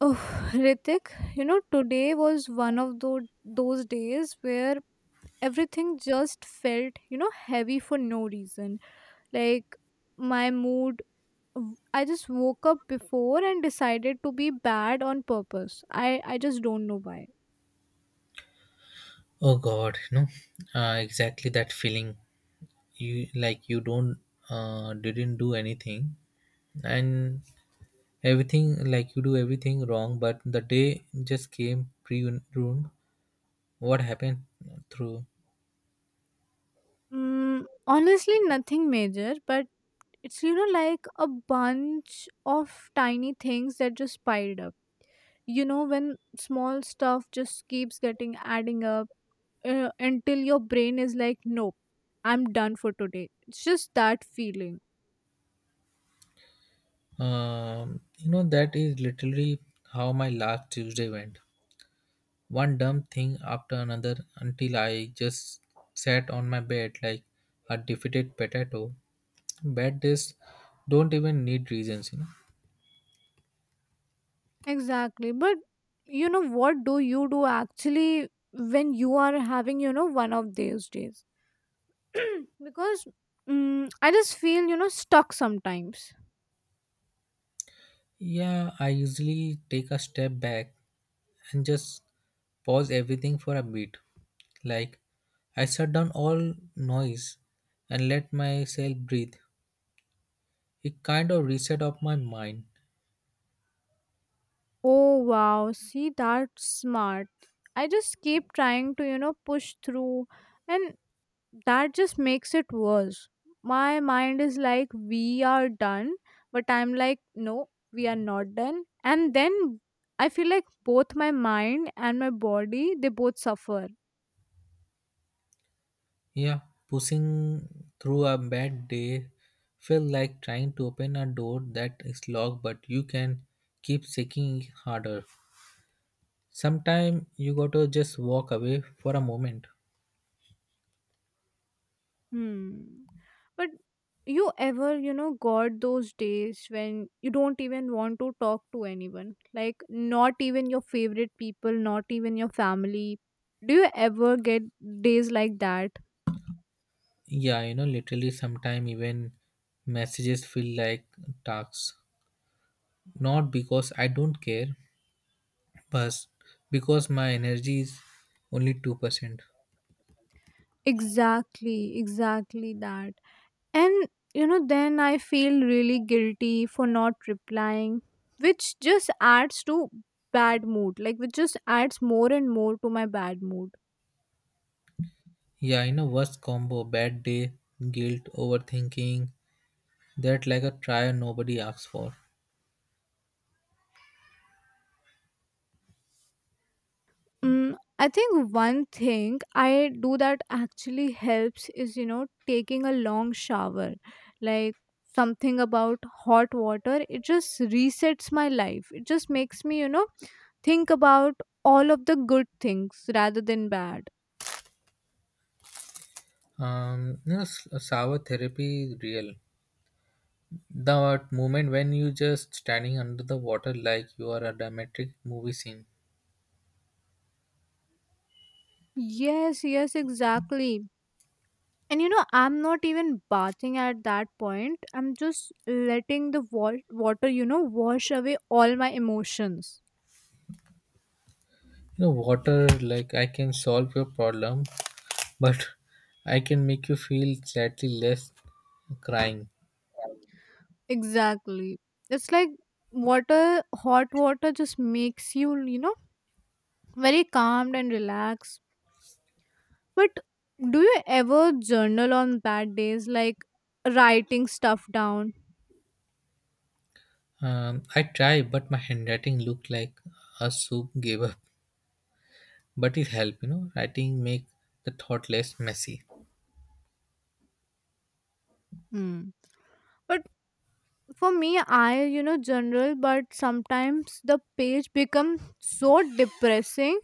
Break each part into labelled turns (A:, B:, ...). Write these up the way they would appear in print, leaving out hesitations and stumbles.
A: Oh, Ritik, you know, today was one of those days where everything just felt, you know, heavy for no reason. Like, my mood, I just woke up before and decided to be bad on purpose. I just don't know why.
B: Oh God, you know, exactly that feeling. You like you don't didn't do anything, and everything like you do everything wrong. But the day just came pre-ruined. What happened through?
A: Honestly, nothing major, but it's, you know, like a bunch of tiny things that just piled up. You know, when small stuff just keeps getting adding up until your brain is like, nope, I'm done for today. It's just that feeling.
B: You know that is literally how my last Tuesday went. One dumb thing after another until I just sat on my bed like a defeated potato. Bad days don't even need reasons, you know.
A: Exactly. But you know, what do you do actually when you are having, you know, one of those days? Because I just feel, you know, stuck sometimes.
B: Yeah, I usually take a step back and just pause everything for a bit. Like, I shut down all noise and let myself breathe. It kind of reset up my mind.
A: Oh, wow. See, that's smart. I just keep trying to, you know, push through. And that just makes it worse. My mind is like, we are done, but I'm like, no, we are not done. And then I feel like both my mind and my body, they both suffer.
B: Yeah, pushing through a bad day felt like trying to open a door that is locked, but you can keep shaking harder. Sometimes you gotta just walk away for a moment.
A: Hmm. But you ever, you know, got those days when you don't even want to talk to anyone? Like, not even your favorite people, not even your family. Do you ever get days like that?
B: Yeah, you know, literally sometimes even messages feel like tasks. Not because I don't care, but because my energy is only 2%.
A: Exactly, exactly that. And you know, then I feel really guilty for not replying, which just adds to bad mood, like which just adds more and more to my bad mood.
B: Yeah, you know, worst combo, bad day, guilt, overthinking, that like a trial nobody asks for.
A: I think one thing I do that actually helps is, you know, taking a long shower. Like something about hot water, it just resets my life. It just makes me, you know, think about all of the good things rather than bad.
B: You know, sour therapy is real. The moment when you just standing under the water like you are a dramatic movie scene.
A: Yes, yes, exactly. And you know, I'm not even bathing at that point. I'm just letting the water, you know, wash away all my emotions.
B: You know, water like I can solve your problem, but I can make you feel slightly less crying.
A: Exactly. It's like water, hot water just makes you, you know, very calmed and relaxed. But do you ever journal on bad days, like writing stuff down?
B: I try, but my handwriting looked like a soup gave up. But it helped, you know. Writing make the thought less messy.
A: Hmm. But for me, I, you know, journal, but sometimes the page becomes so depressing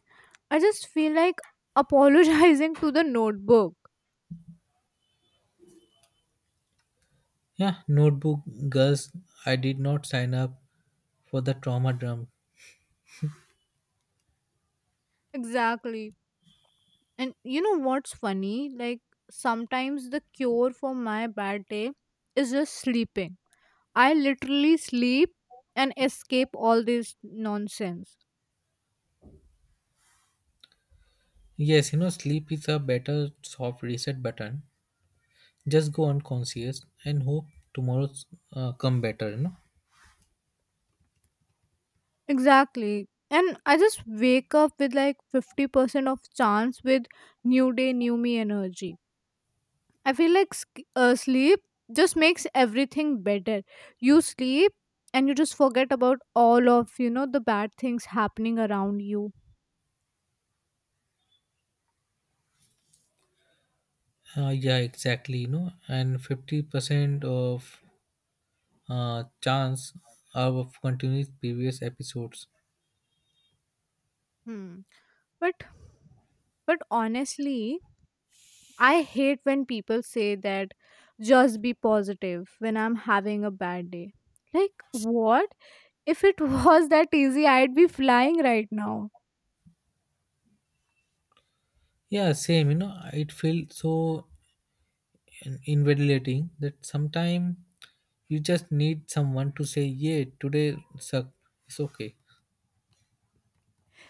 A: I just feel like apologizing to the notebook.
B: Yeah, notebook girls. I did not sign up for the trauma drum.
A: Exactly. And you know what's funny? Like sometimes the cure for my bad day is just sleeping. I literally sleep and escape all this nonsense.
B: Yes, you know, sleep is a better soft reset button. Just go unconscious and hope tomorrow's come better. You know.
A: Exactly. And I just wake up with like 50% of chance with new day, new me energy. I feel like sleep just makes everything better. You sleep and you just forget about all of you know the bad things happening around you.
B: Yeah, exactly. You know, and 50% of chance of continuing previous episodes.
A: Hmm. But but honestly, I hate when people say that just be positive when I'm having a bad day. Like what? If it was that easy, I'd be flying right now.
B: Yeah, same. You know, it feels so invalidating that sometimes you just need someone to say, "Yeah, today suck. It's okay."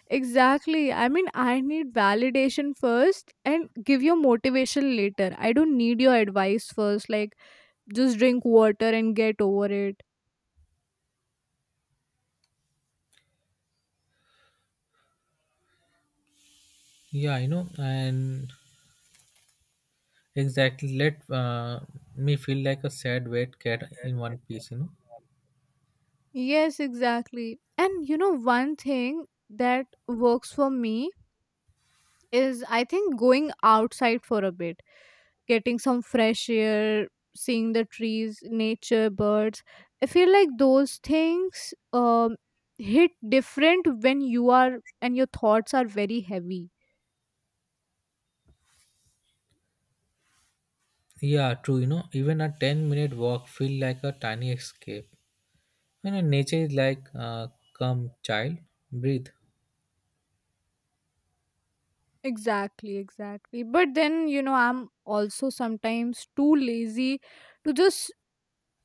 A: Exactly. I mean, I need validation first and give you motivation later. I don't need your advice first. Like, just drink water and get over it.
B: Yeah, you know, and exactly let me feel like a sad wet cat in one piece. You know.
A: Yes, exactly. And you know, one thing that works for me is I think going outside for a bit, getting some fresh air, seeing the trees, nature, birds. I feel like those things hit different when you are and your thoughts are very heavy.
B: Yeah, true. You know, even a ten-minute walk feel like a tiny escape. You know, nature is like, "Come, child, breathe."
A: Exactly, exactly. But then, you know, I'm also sometimes too lazy to just,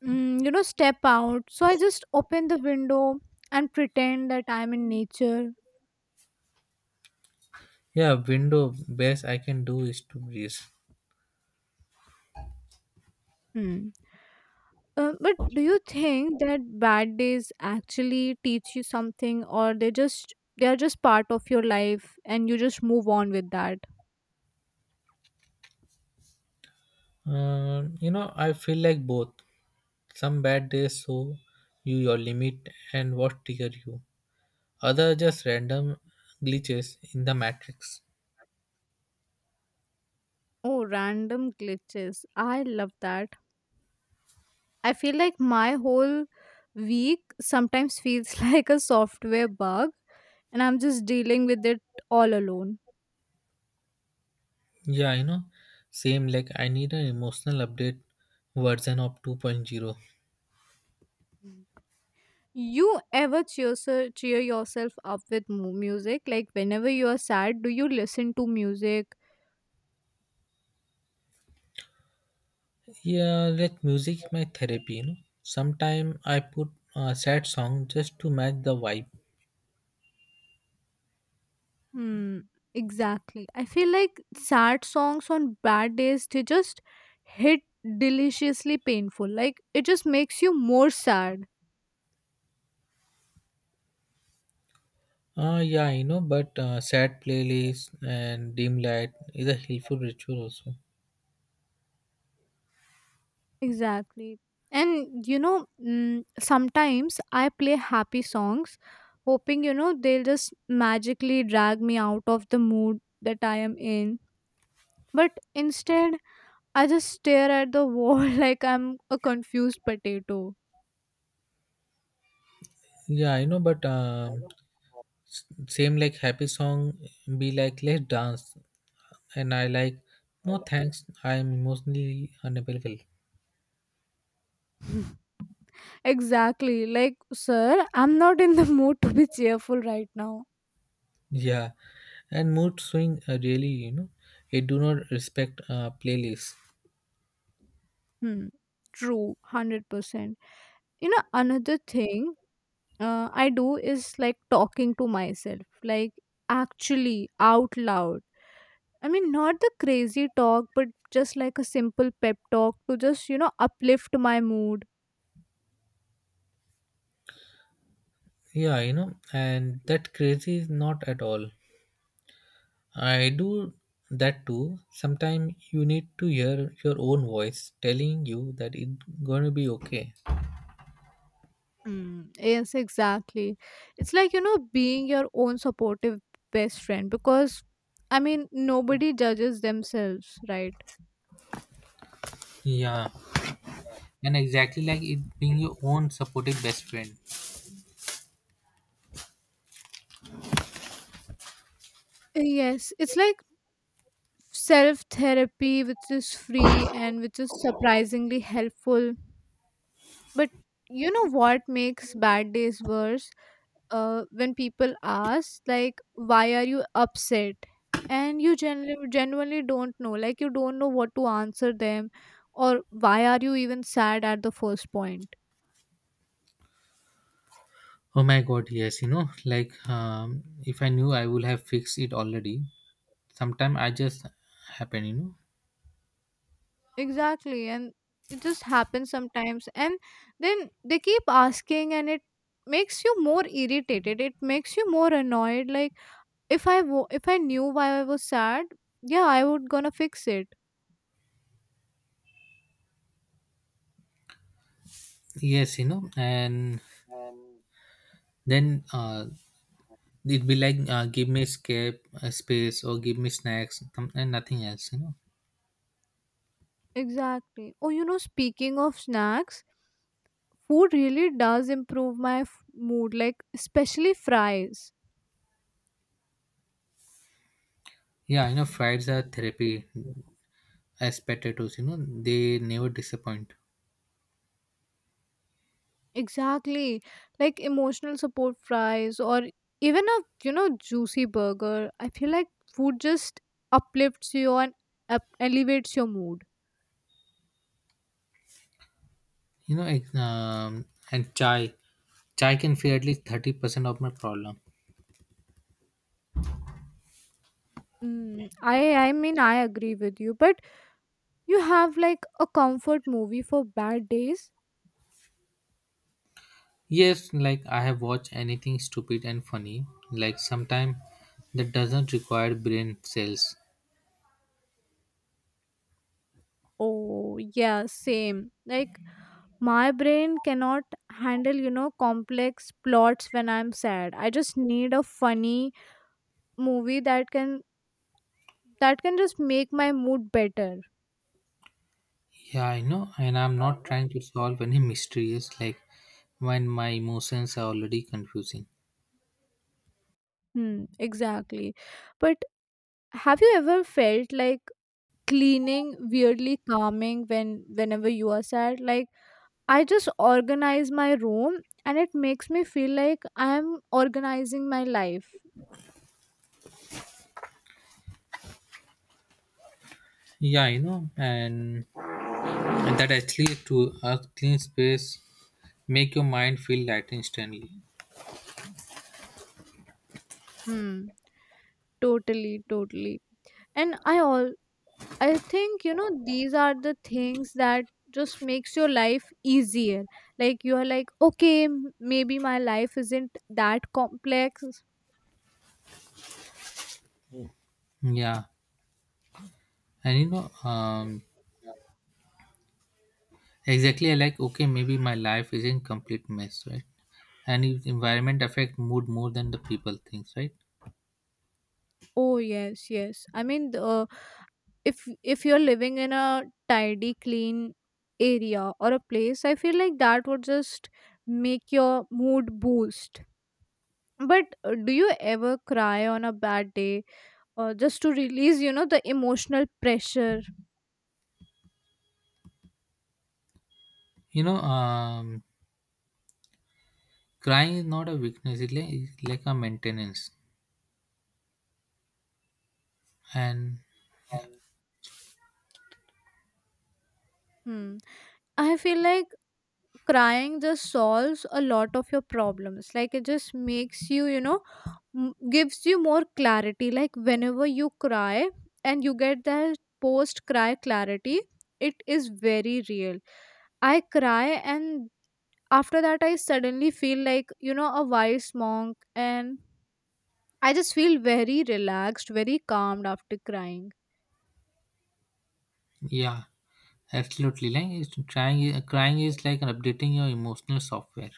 A: you know, step out. So I just open the window and pretend that I'm in nature.
B: Yeah, window best I can do is to breathe.
A: Hmm. But do you think that bad days actually teach you something or they are just part of your life and you just move on with that?
B: You know, I feel like both. Some bad days show you your limit and what trigger you. Other just random glitches in the matrix.
A: Oh, random glitches. I love that. I feel like my whole week sometimes feels like a software bug and I'm just dealing with it all alone.
B: Yeah, you know, same like I need an emotional update version of 2.0.
A: You ever cheer yourself up with music? Like whenever you are sad, do you listen to music?
B: Yeah, let music my therapy, you know. Sometime I put a sad song just to match the vibe.
A: Hmm, exactly. I feel like sad songs on bad days, they just hit deliciously painful. Like it just makes you more sad.
B: Yeah, I know, but sad playlist and dim light is a helpful ritual also.
A: Exactly. And you know, sometimes I play happy songs, hoping, you know, they'll just magically drag me out of the mood that I am in. But instead, I just stare at the wall like I'm a confused potato.
B: Yeah, I know, but same like happy song be like let's dance, and I like no thanks, I am emotionally unavailable.
A: Exactly. Like, sir, I'm not in the mood to be cheerful right now.
B: Yeah, and mood swing really, you know, it do not respect playlist.
A: Hmm. True, 100%. You know, another thing I do is like talking to myself, like actually out loud. I mean, not the crazy talk, but just like a simple pep talk to just, you know, uplift my mood.
B: Yeah, you know, and that crazy is not at all. I do that too. Sometimes you need to hear your own voice telling you that it's gonna be okay.
A: Yes, exactly. It's like, you know, being your own supportive best friend because, I mean, nobody judges themselves, right?
B: Yeah, and exactly like it being your own supportive best friend.
A: Yes, it's like self therapy, which is free and which is surprisingly helpful. But you know what makes bad days worse? When people ask, like, why are you upset? And you genuinely don't know. Like, you don't know what to answer them or why are you even sad at the first point.
B: Oh my god, yes, you know, like if I knew I would have fixed it already. Sometimes I just happen, you know.
A: Exactly. And it just happens sometimes. And then they keep asking, and it makes you more irritated. It makes you more annoyed. Like, if I knew why I was sad, yeah, I would gonna fix it.
B: Yes, you know, and then it'd be like give me escape space or give me snacks and nothing else, you know.
A: Exactly. Oh, you know, speaking of snacks, food really does improve my mood, like, especially fries.
B: Yeah, you know, Fridays are therapy as potatoes you know they never disappoint.
A: Exactly. Like, emotional support fries or even a, you know, juicy burger. I feel like food just uplifts you and elevates your mood.
B: You know and chai can feel at least 30% of my problem.
A: I mean I agree with you, but you have like a comfort movie for bad days.
B: Yes, like I have watched anything stupid and funny, like sometime that doesn't require brain cells.
A: Oh yeah, same. Like my brain cannot handle you know complex plots when I'm sad. I just need a funny movie that can just make my mood better.
B: Yeah, I know, and I'm not trying to solve any mysteries, like when my emotions are already confusing.
A: Hmm, exactly. But have you ever felt like cleaning weirdly calming when whenever you are sad? Like I just organize my room and it makes me feel like I'm organizing my life.
B: Yeah, you know, and that actually to a clean space make your mind feel light instantly.
A: Hmm, totally. And I all. I think you know these are the things that just makes your life easier. Like you are like, okay, maybe my life isn't that complex.
B: Yeah, and you know, um exactly, I like okay, maybe my life isn't complete mess, right? And if environment affect mood more than the people thinks, right?
A: Oh yes, yes. I mean, if you're living in a tidy, clean area or a place, I feel like that would just make your mood boost. But do you ever cry on a bad day, just to release, you know, the emotional pressure?
B: You know, crying is not a weakness; it's like a maintenance. And
A: Hmm. I feel like crying just solves a lot of your problems. Like it just makes you you know gives you more clarity. Like whenever you cry and you get that post cry clarity, it is very real. I cry and after that I suddenly feel like you know a wise monk and I just feel very relaxed, very calmed after crying.
B: yeah, absolutely, like it's trying, crying is like updating your emotional software.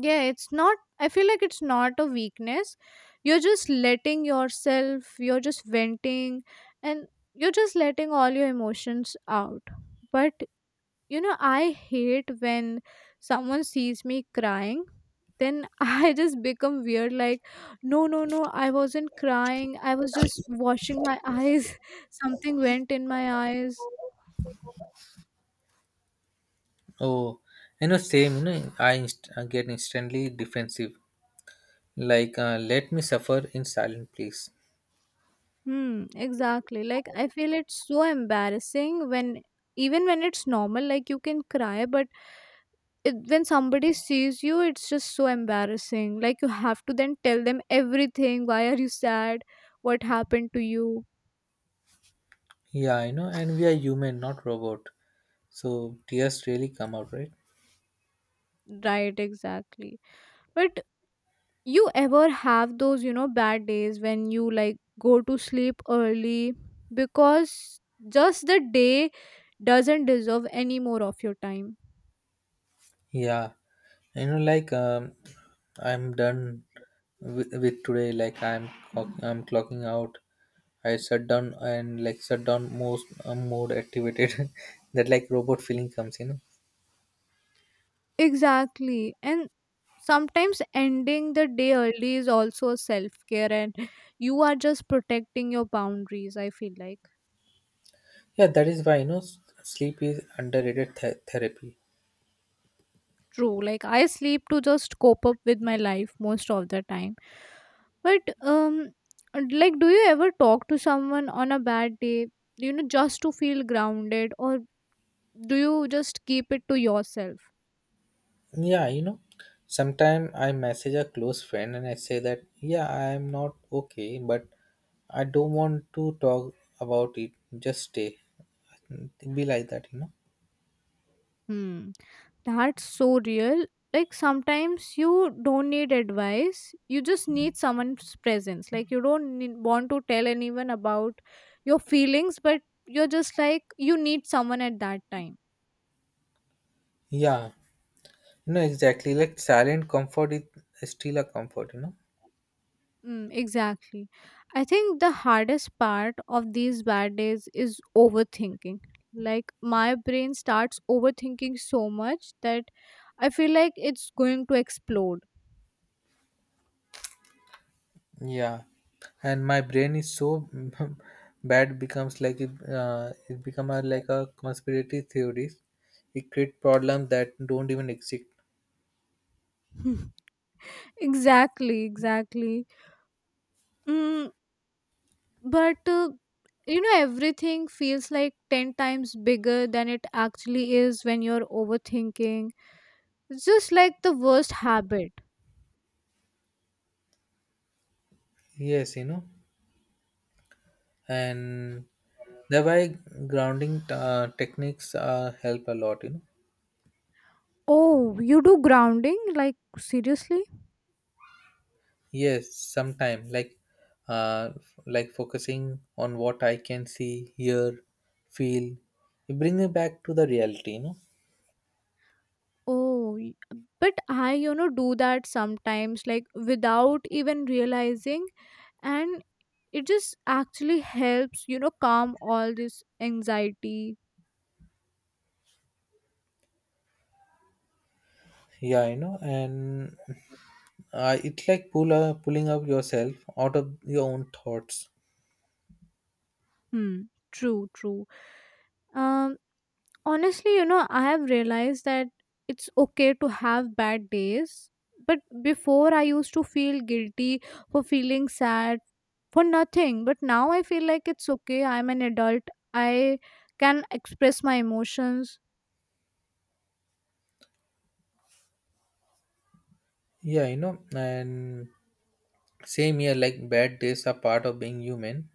A: Yeah, it's not, I feel like it's not a weakness. You're just letting yourself, you're just venting and you're just letting all your emotions out. But you know I hate when someone sees me crying, then I just become weird like no I wasn't crying, I was just washing my eyes something went in my eyes.
B: Oh, you know, same. You know, I get instantly defensive. Like, let me suffer in silence, please.
A: Hmm, exactly. Like I feel it's so embarrassing when even when it's normal, like you can cry, but it, when somebody sees you, it's just so embarrassing. Like you have to then tell them everything. Why are you sad? What happened to you?
B: Yeah, you know, and we are human, not robot. So tears really come out, right?
A: Right, exactly. But you ever have those, you know, bad days when you like go to sleep early because just the day doesn't deserve any more of your time.
B: Yeah, you know, like I'm done with today. Like I'm clocking out. I shut down and like shut down most mode activated. That like robot feeling comes. You know?
A: Exactly. And sometimes ending the day early is also a self care, and you are just protecting your boundaries. I feel like
B: Yeah, that is why you know sleep is underrated therapy.
A: true. Like, I sleep to just cope up with my life most of the time. But, like, do you ever talk to someone on a bad day, you know, just to feel grounded, or do you just keep it to yourself?
B: Yeah, you know, sometimes I message a close friend and I say that yeah I am not okay, but I don't want to talk about it. Just stay. Be like that, you know.
A: Hmm. That's so real. Like sometimes you don't need advice. You just need someone's presence. Like you don't want to tell anyone about your feelings, but you're just like you need someone at that time.
B: Yeah. No, exactly. Like silent comfort is still a comfort, you know.
A: Exactly. I think the hardest part of these bad days is overthinking. Like my brain starts overthinking so much that I feel like it's going to explode.
B: Yeah, and my brain is so bad becomes like it, it become a, like a conspiracy theories. It create problems that don't even exist.
A: Exactly, exactly. Mm, but you know everything feels like ten times bigger than it actually is when you're overthinking. It's just like the worst habit.
B: Yes, you know, and thereby grounding techniques help a lot. You know.
A: Oh, you do grounding, like seriously?
B: Yes, sometime like like focusing on what I can see, hear, feel. It bring me back to the reality. You know.
A: oh y- but I you know do that sometimes like without even realizing, and it just actually helps you know calm all this anxiety.
B: Yeah, I know, and it's like pulling up yourself out of your own thoughts.
A: Hmm, true. um Honestly, you know, I have realized that it's okay to have bad days, but before I used to feel guilty for feeling sad for nothing. But now I feel like it's okay, I'm an adult, I can express my emotions.
B: Yeah, I know, and same here. Like bad days are part of being human,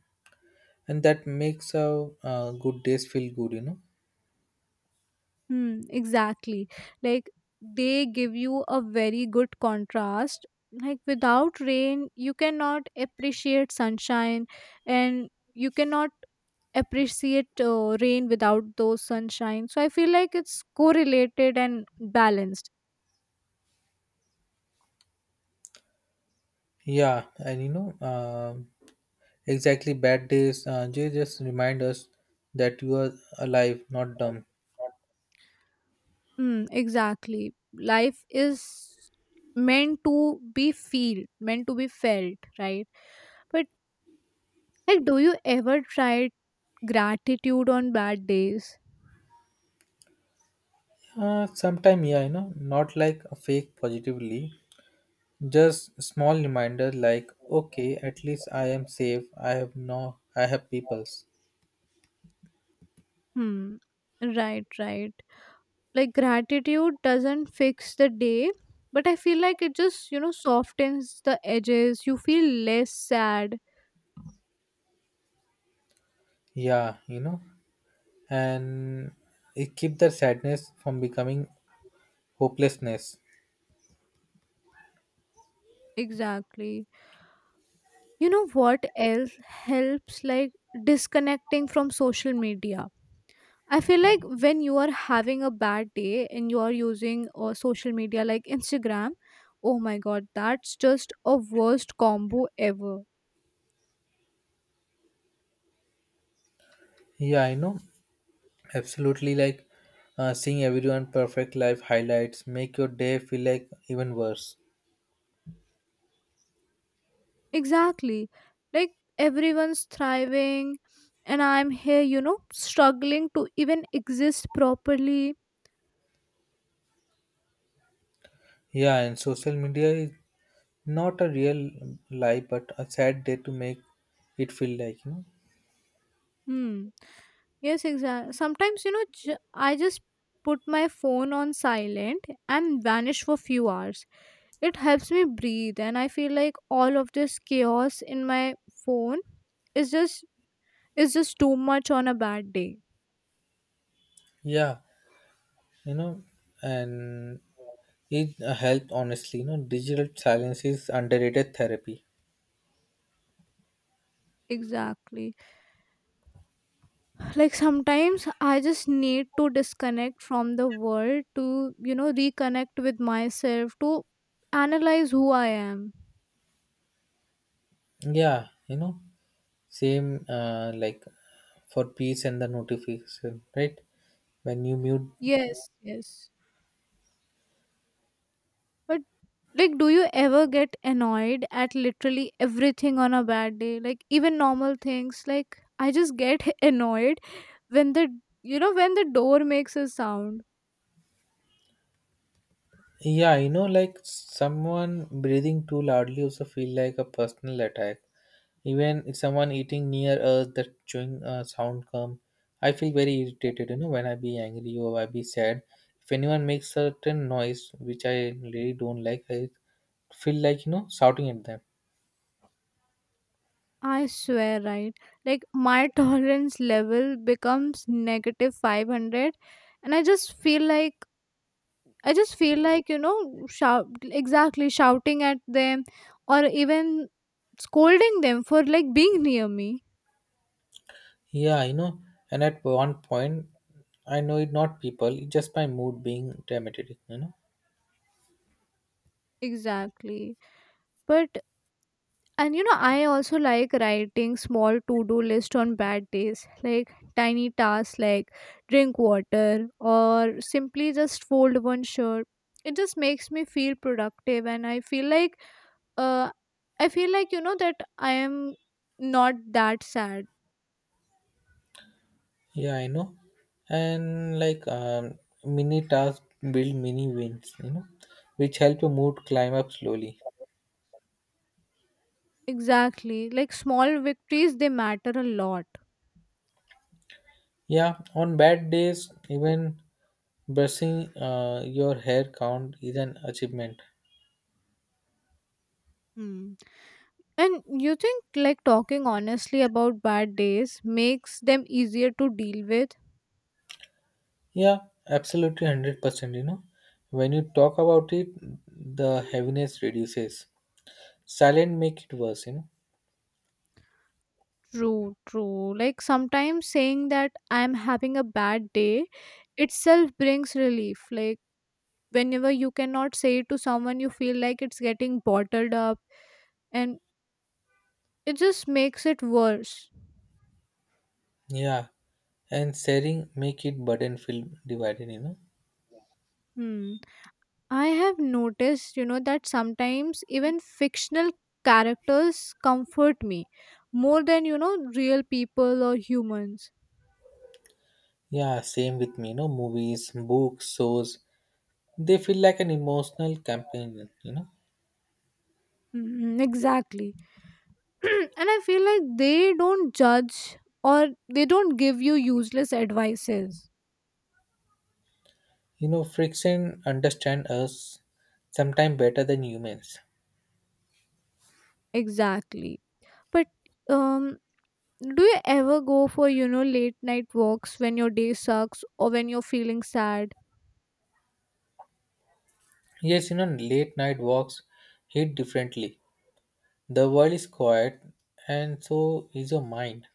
B: and that makes our good days feel good. You know.
A: Hmm, exactly. Like they give you a very good contrast. Like without rain, you cannot appreciate sunshine and you cannot appreciate rain without those sunshine. So I feel like it's correlated and balanced.
B: Yeah, and you know, exactly. Bad days, they just remind us that you are alive, not dumb.
A: Mm, exactly. Life is meant to be felt, right? But like do you ever try gratitude on bad days?
B: Sometime, yeah, you know, not like a fake positively, just small reminder like, okay, at least I am safe. I have no, I have peoples.
A: Hmm. Right, right. Like gratitude doesn't fix the day, but I feel like it just, you know, softens the edges. You feel less sad.
B: Yeah, you know, and it keep the sadness from becoming hopelessness.
A: Exactly. You know what else helps like disconnecting from social media? I feel like when you are having a bad day and you are using social media like Instagram, oh my god, that's just a worst combo ever.
B: Yeah, I know, absolutely. Like seeing everyone perfect life highlights make your day feel like even worse.
A: Exactly. Like everyone's thriving, and I'm here, you know, struggling to even exist properly.
B: Yeah, and social media is not a real life, but a sad day to make it feel like you know.
A: Hmm. Yes, exactly. Sometimes, you know, I just put my phone on silent and vanish for few hours. It helps me breathe, and I feel like all of this chaos in my phone is just is just too much on a bad day.
B: Yeah, you know, and it helped honestly, you know, digital silence is underrated therapy.
A: Exactly. Like sometimes I just need to disconnect from the world to, you know, reconnect with myself to analyze who I am.
B: Yeah, you know, same like for peace and the notification, right? When you mute,
A: Yes, yes. But like do you ever get annoyed at literally everything on a bad day, like even normal things? Like I just get annoyed when the you know when the door makes a sound.
B: yeah, you know, like someone breathing too loudly also feel like a personal attack. Even if someone eating near us, that chewing sound come, I feel very irritated. You know, when I be angry or I be sad, if anyone makes certain noise which I really don't like, I feel like you know shouting at them.
A: I swear, right? Like my tolerance level becomes negative 500 and I just feel like you know, shout exactly shouting at them, or even scolding them for like being near me.
B: Yeah, you know, and at one point, I know it not people, it just my mood being dramatic, you know.
A: Exactly. But and you know, I also like writing small to-do list on bad days, like tiny tasks like drink water or simply just fold one shirt. It just makes me feel productive and I feel like uh I feel like, you know, that I am not that sad.
B: Yeah, I know. And like mini tasks build mini wins, you know, which help your mood climb up slowly.
A: Exactly. Like small victories, they matter a lot.
B: Yeah, on bad days, even brushing your hair count is an achievement.
A: Hmm. And you think like talking honestly about bad days makes them easier to deal with?
B: Yeah, absolutely 100%, you know. When you talk about it, the heaviness reduces. Silent make it worse, you know.
A: True, true. Like sometimes saying that I'm having a bad day itself brings relief. Like whenever you cannot say it to someone, you feel like it's getting bottled up and it just makes it worse.
B: Yeah, and sharing make it burden feel divided, you know.
A: Hmm. I have noticed, you know, that sometimes even fictional characters comfort me more than, you know, real people or humans.
B: Yeah, same with me, you know, movies, books, shows. They feel like an emotional campaign, you know.
A: Mm, exactly. And I feel like they don't judge or they don't give you useless advices.
B: You know, friction understand us sometimes better than humans.
A: Exactly. But um do you ever go for, you know, late night walks when your day sucks or when you're feeling sad?
B: Yes, you know, late night walks hit differently. The world is quiet and so is your mind.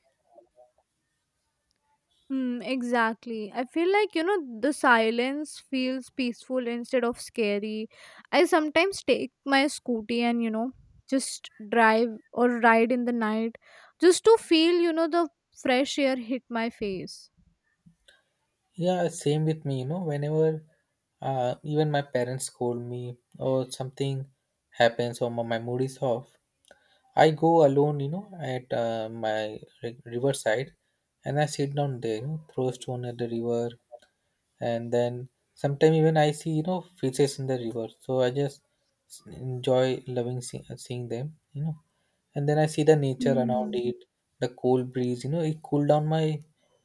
A: Hmm, exactly. I feel like, you know, the silence feels peaceful instead of scary. I sometimes take my scooty and, you know, just drive or ride in the night just to feel, you know, the fresh air hit my face.
B: Yeah, same with me, you know, whenever even my parents scold me or something happens or my mood is off, I go alone, you know, at my riverside, and I sit down there, you know, throw a stone at the river, and then sometimes even I see, you know, fishes in the river. So I just enjoy loving seeing them, you know. And then I see the nature around
A: Mm.
B: it, the cool breeze, you know, it cool down my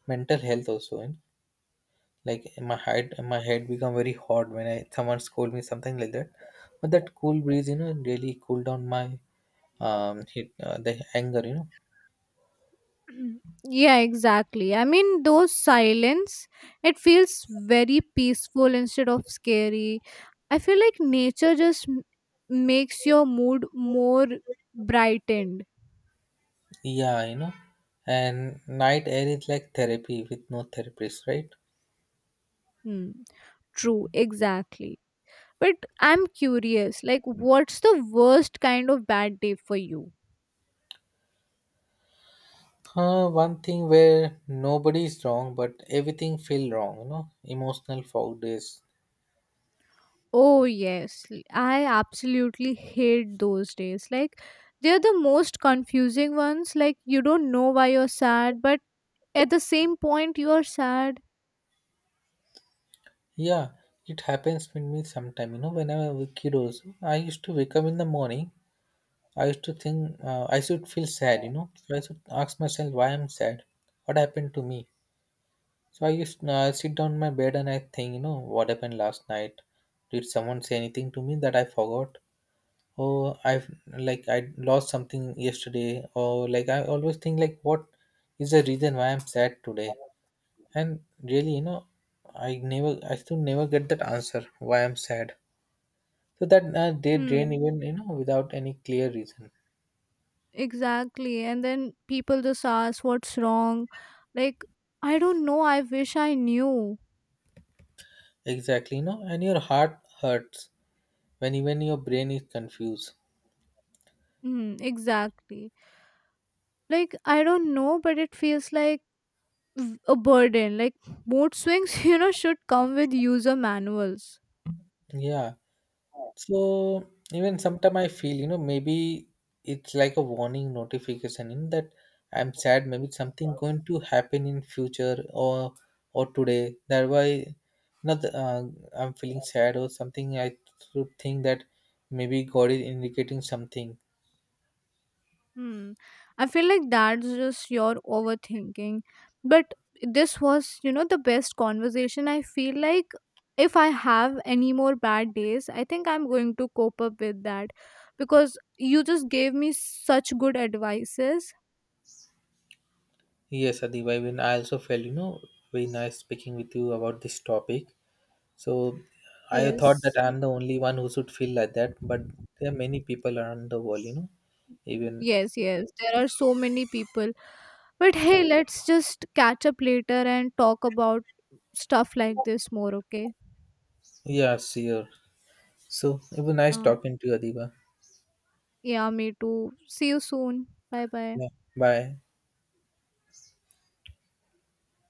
B: mental health also. You know? Like my head become very hot when I someone scold me something like that. But that cool breeze, you know, really cool down my the anger, you know.
A: Yeah, exactly. I mean, those silence, it feels very peaceful instead of scary. I feel like nature just makes your mood more brightened.
B: Yeah, you know, and night air is like therapy with no therapist, right?
A: Hmm. True, exactly. But I'm curious, like, what's the worst kind of bad day for you?
B: One thing where nobody is wrong, but everything feel wrong, you know, emotional fog days.
A: Oh, yes. I absolutely hate those days. Like, they're the most confusing ones. Like, you don't know why you're sad, but at the same point, you're sad.
B: Yeah, it happens with me sometime, you know, when I was a kid also, I used to wake up in the morning, I used to think I should feel sad, you know, so I should ask myself why I'm sad, what happened to me. So I used sit down on my bed and I think, you know, what happened last night? Did someone say anything to me that I forgot? Oh I've Like I lost something yesterday, or like I always think like what is the reason why I'm sad today. And really, you know, I still never get that answer why I'm sad. So that they drain
A: Hmm,
B: even you know without any clear reason.
A: exactly. And then people just ask, what's wrong? Like, I don't know. I wish I knew.
B: Exactly, you know, and your heart hurts when even your brain is confused.
A: Hmm, exactly. Like, I don't know, but it feels like a burden. Like mood swings, you know, should come with user manuals.
B: Yeah. So even sometimes I feel, you know, maybe it's like a warning notification in that I'm sad, maybe something going to happen in future or today. That why not I'm feeling sad or something. I should think that maybe God is indicating something.
A: Hmm. I feel like that's just your overthinking. But this was, you know, the best conversation. I feel like if I have any more bad days, I think I'm going to cope up with that because you just gave me such good advices.
B: Yes, Adibai, when I also felt, you know, very nice speaking with you about this topic. So I thought
A: Yes,
B: that I'm the only one who should feel like that, but there are many people around the world, you know, even.
A: yes, yes. There are so many people. But hey, let's just catch up later and talk about stuff like this more, okay?
B: Yeah, sure. So it was nice
A: Uh,
B: talking to you, Adiba.
A: yeah, me too. See you soon. Bye bye.
B: Yeah. Bye.